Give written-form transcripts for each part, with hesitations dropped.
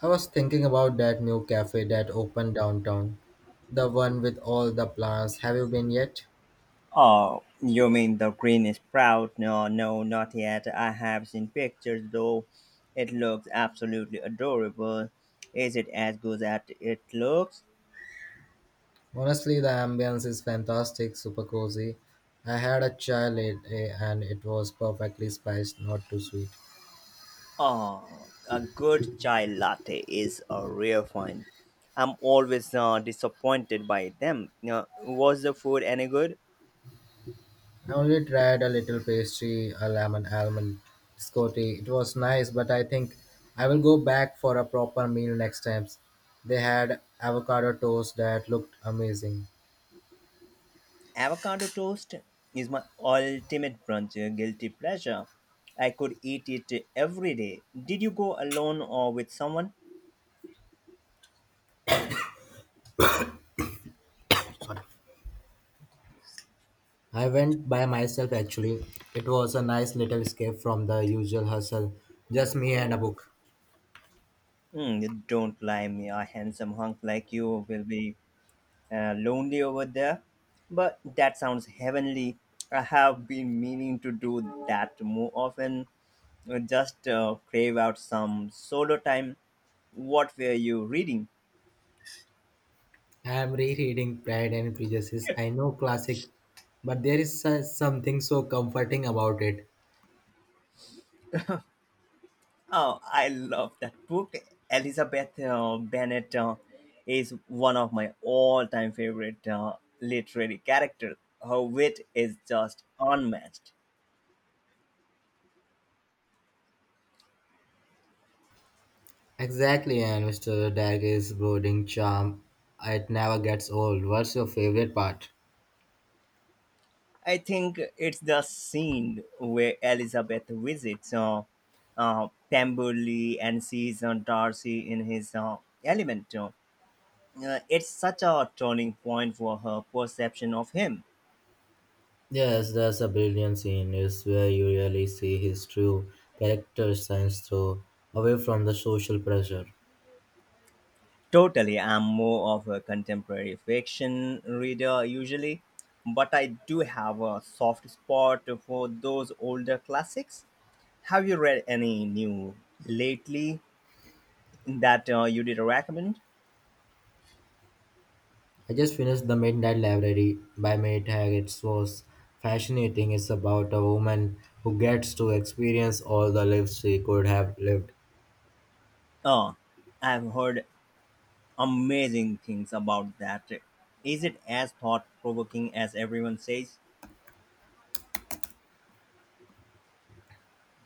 I was thinking about that new cafe that opened downtown, the one with all the plants. Have you been yet? Oh, you mean the green sprout? No, no, not yet. I have seen pictures though. It looks absolutely adorable. Is it as good as it looks? Honestly, the ambience is fantastic, super cozy. I had a chai latte and it was perfectly spiced, not too sweet. Oh, a good chai latte is a rare find. I'm always disappointed by them. Was the food any good? I only tried a little pastry, a lemon almond biscotti. It was nice, but I think I will go back for a proper meal next time. They had avocado toast that looked amazing. Avocado toast is my ultimate brunch guilty pleasure. I could eat it every day. Did you go alone or with someone? I went by myself actually. It was a nice little escape from the usual hustle. Just me and a book. Mm, don't lie me, a handsome hunk like you will be lonely over there. But that sounds heavenly. I have been meaning to do that more often. Just crave out some solo time. What were you reading? I am rereading Pride and Prejudice. I know, classic, but there is something so comforting about it. Oh, I love that book. Elizabeth Bennet is one of my all-time favorite literary characters. Her wit is just unmatched. Exactly, and Mr. Dagger's brooding charm. It never gets old. What's your favorite part? I think it's the scene where Elizabeth visits Pemberley and sees Darcy in his element. It's such a turning point for her perception of him. Yes, there's a brilliant scene. It's where you really see his true character shines through, away from the social pressure. Totally, I'm more of a contemporary fiction reader usually, but I do have a soft spot for those older classics. Have you read any new lately that you did recommend? I just finished The Midnight Library by May Tag. It was fascinating. It's about a woman who gets to experience all the lives she could have lived. Oh, I've heard amazing things about that. Is it as thought provoking as everyone says?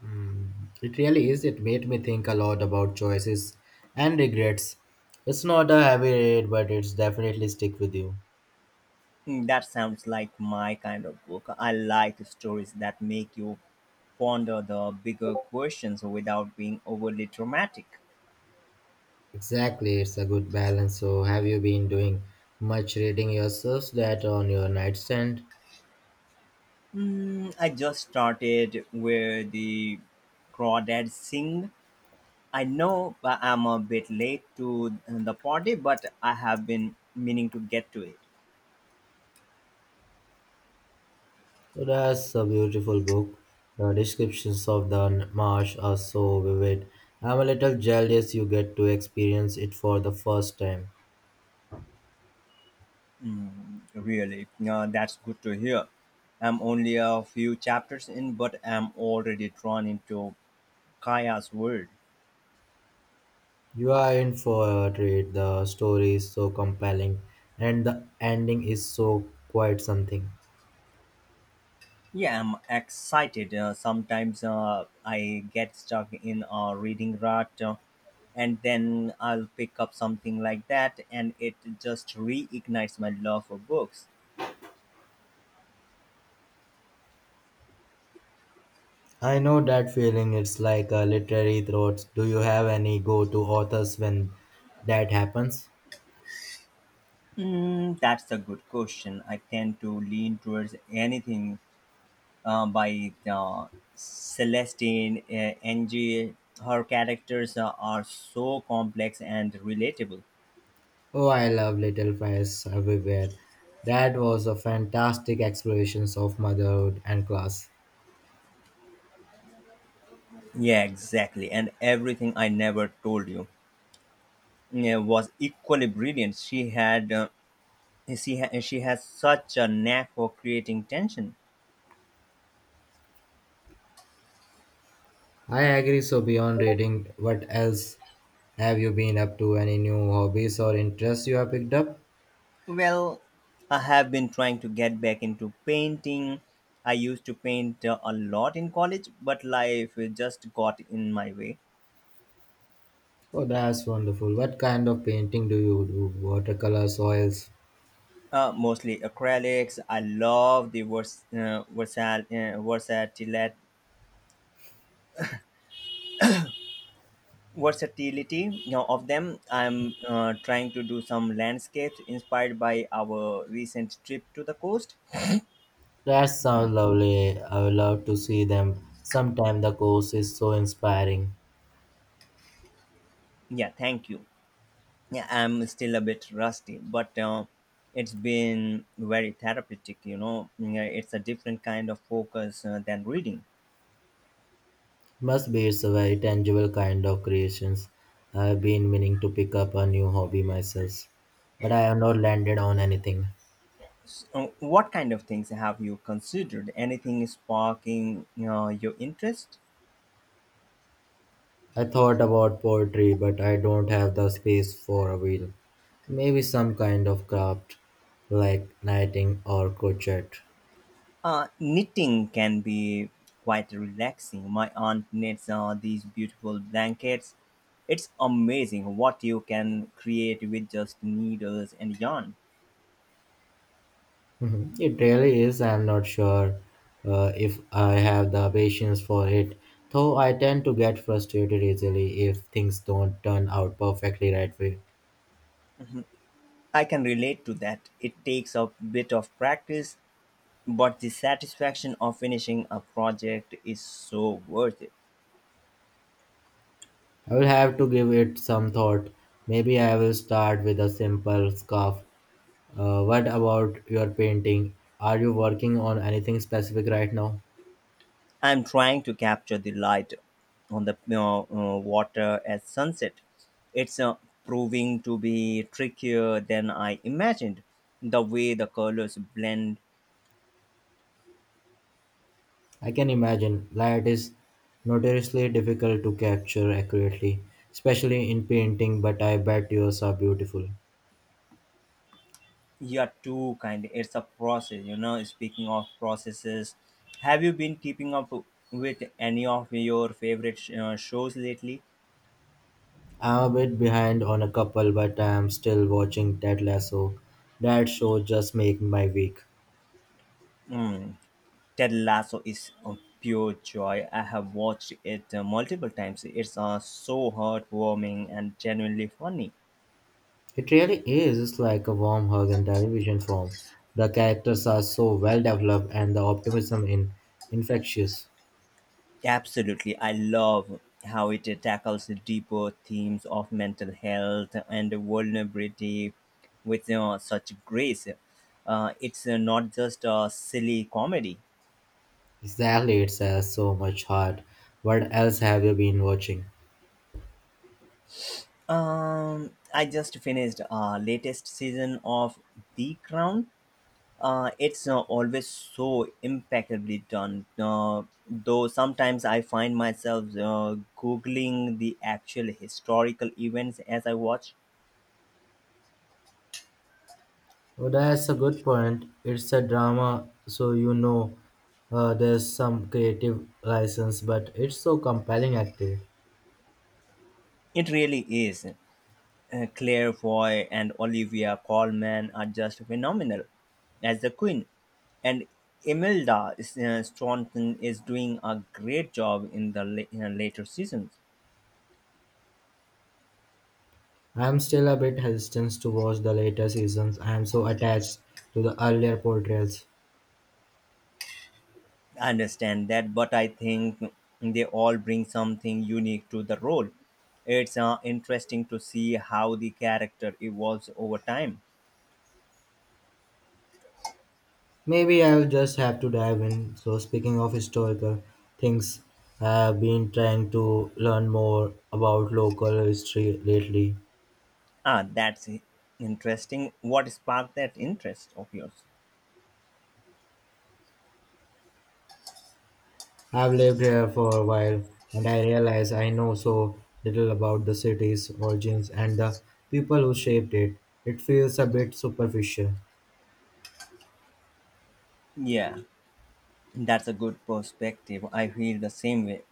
Hmm. It really is. It made me think a lot about choices and regrets. It's not a heavy read, but it's definitely stick with you. Hmm, that sounds like my kind of book. I like stories that make you ponder the bigger questions without being overly dramatic. Exactly, it's a good balance. So, have you been doing much reading yourselves? That on your nightstand? Hmm, I just started with the Crawdad Sing. I know I'm a bit late to the party, but I have been meaning to get to it. So that's a beautiful book. The descriptions of the marsh are so vivid. I'm a little jealous you get to experience it for the first time. Mm, really, that's good to hear. I'm only a few chapters in, but I'm already drawn into Kaya's world. You are in for a treat. The story is so compelling, and the ending is so quite something. Yeah, I'm excited. Sometimes I get stuck in a reading rut, and then I'll pick up something like that, and it just reignites my love for books. I know that feeling. It's like a literary throat. Do you have any go-to authors when that happens? Mm, that's a good question. I tend to lean towards anything by Celestine Angie. Her characters are so complex and relatable. Oh, I love Little Fires Everywhere. That was a fantastic exploration of motherhood and class. Yeah, exactly. And everything I never told you, yeah, was equally brilliant. She had she ha- she has such a knack for creating tension. I agree. So, beyond reading, what else have you been up to? Any new hobbies or interests you have picked up? Well, I have been trying to get back into painting. I used to paint a lot in college, but life just got in my way. Oh, that's wonderful. What kind of painting do you do? Watercolors, oils? Mostly acrylics. I love the versatility you know, of them. I'm trying to do some landscapes inspired by our recent trip to the coast. That sounds lovely. I would love to see them. Sometimes the course is so inspiring. Yeah, thank you. Yeah, I'm still a bit rusty, but it's been very therapeutic. You know, yeah, it's a different kind of focus than reading. Must be, it's a very tangible kind of creations. I've been meaning to pick up a new hobby myself, but I have not landed on anything. So, what kind of things have you considered? Anything sparking your interest? I thought about poetry, but I don't have the space for a wheel. Maybe some kind of craft, like knitting or crochet. Knitting can be quite relaxing. My aunt knits these beautiful blankets. It's amazing what you can create with just needles and yarn. Mhm. It really is. I'm not sure if I have the patience for it, though I tend to get frustrated easily if things don't turn out perfectly right way. I can relate to that. It takes a bit of practice, but the satisfaction of finishing a project is so worth it. I will have to give it some thought. Maybe I will start with a simple scarf. What about your painting? Are you working on anything specific right now? I'm trying to capture the light on the water at sunset. It's proving to be trickier than I imagined. The way the colors blend, I can imagine, light is notoriously difficult to capture accurately, especially in painting, but I bet yours are beautiful. you're too kind. It's a process. Speaking of processes, have you been keeping up with any of your favorite shows lately? I'm a bit behind on a couple, but I am still watching Ted Lasso. That show just makes my week. Ted Lasso is a pure joy. I have watched it multiple times. It's so heartwarming and genuinely funny. It really is, it's like a warm hug in television form. The characters are so well developed and the optimism in infectious. Absolutely. I love how it tackles the deeper themes of mental health and vulnerability with such grace. It's not just a silly comedy. Exactly, it has so much heart. What else have you been watching? I just finished latest season of The Crown. It's always so impeccably done. Though sometimes I find myself googling the actual historical events as I watch. Oh, that's a good point. It's a drama, so you know there's some creative license, but it's so compelling acted. It really is. Claire Foy and Olivia Colman are just phenomenal as the Queen, and Imelda Staunton is doing a great job in the later seasons. I'm still a bit hesitant to watch the later seasons. I'm so attached to the earlier portrayals. I understand that, but I think they all bring something unique to the role. It's interesting to see how the character evolves over time. Maybe I'll just have to dive in. So, speaking of historical things, I've been trying to learn more about local history lately. Ah, that's interesting. What sparked that interest of yours? I've lived here for a while, and I realize I know so little about the city's origins and the people who shaped it. It feels a bit superficial. Yeah. That's a good perspective. I feel the same way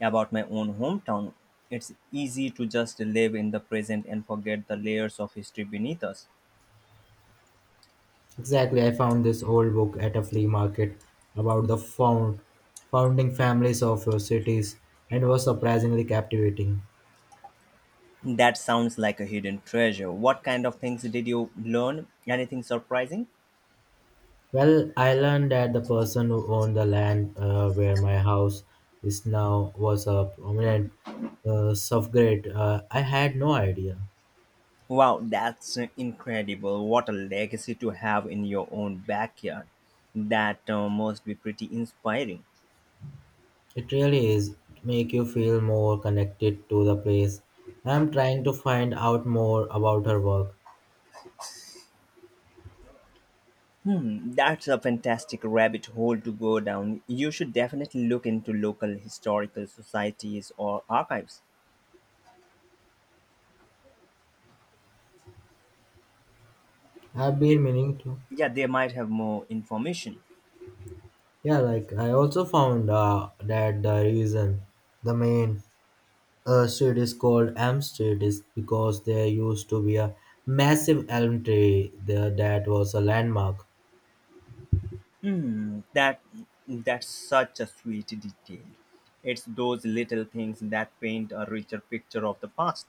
about my own hometown. It's easy to just live in the present and forget the layers of history beneath us. Exactly, I found this old book at a flea market about the founding families of your cities and was surprisingly captivating. That sounds like a hidden treasure. What kind of things did you learn? Anything surprising? Well, I learned that the person who owned the land where my house is now was a prominent suffragette. I had no idea. Wow, that's incredible. What a legacy to have in your own backyard. That must be pretty inspiring. It really is. It make you feel more connected to the place. I'm trying to find out more about her work. Hmm, that's a fantastic rabbit hole to go down. You should definitely look into local historical societies or archives. I've They- been meaning to. yeah, they might have more information. Yeah, like I also found that the reason the main street is called Elm Street is because there used to be a massive elm tree there that was a landmark. Hmm, that's such a sweet detail. It's those little things that paint a richer picture of the past.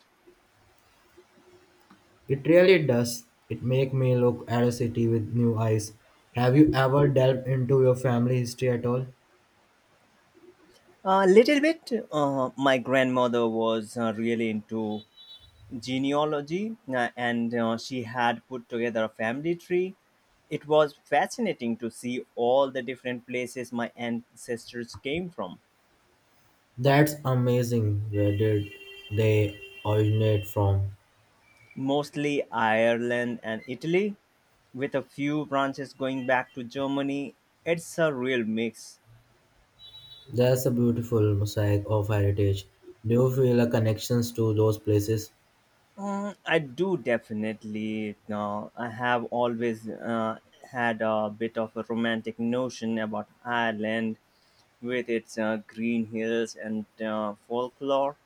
It really does. It make me look at a city with new eyes. Have you ever delved into your family history at all? A little bit. My grandmother was really into genealogy and she had put together a family tree. It was fascinating to see all the different places my ancestors came from, That's amazing. Where did they originate from? mostly Ireland and Italy, with a few branches going back to Germany. It's a real mix. That's a beautiful mosaic of heritage. Do you feel a connections to those places? Mm, I do definitely. I have always had a bit of a romantic notion about Ireland with its green hills and folklore.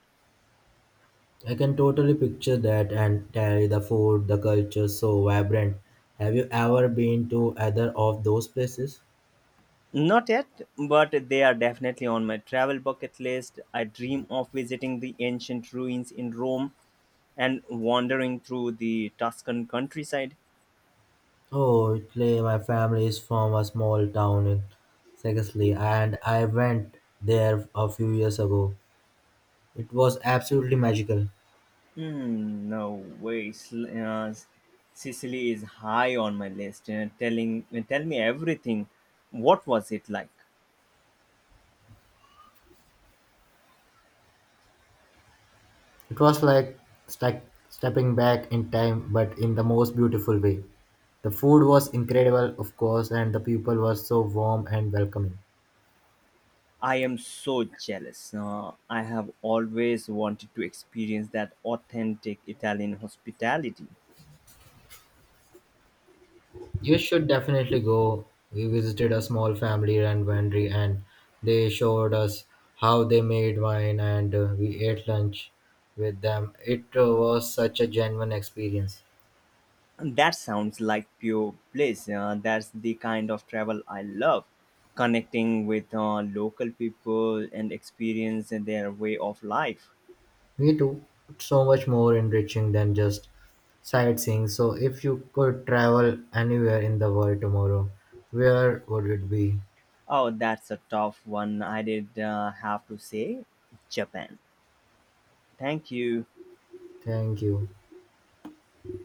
I can totally picture that, and carry the food, the culture so vibrant. Have you ever been to either of those places? Not yet, but they are definitely on my travel bucket list. I dream of visiting the ancient ruins in Rome and wandering through the Tuscan countryside. Oh, Italy, my family is from a small town in Sicily, and I went there a few years ago. It was absolutely magical. Hmm, no way. Sicily is high on my list. Tell me everything. What was it like? It was like sta- stepping back in time, but in the most beautiful way. The food was incredible, of course, and the people were so warm and welcoming. I am so jealous. I have always wanted to experience that authentic Italian hospitality. You should definitely go. We visited a small family run winery and they showed us how they made wine and we ate lunch with them. It was such a genuine experience. That sounds like pure bliss. That's the kind of travel I love. Connecting with local people and experience their way of life. We do so much more enriching than just sightseeing. So if you could travel anywhere in the world tomorrow, where would it be? Oh, that's a tough one. I did have to say Japan. Thank you. Thank you.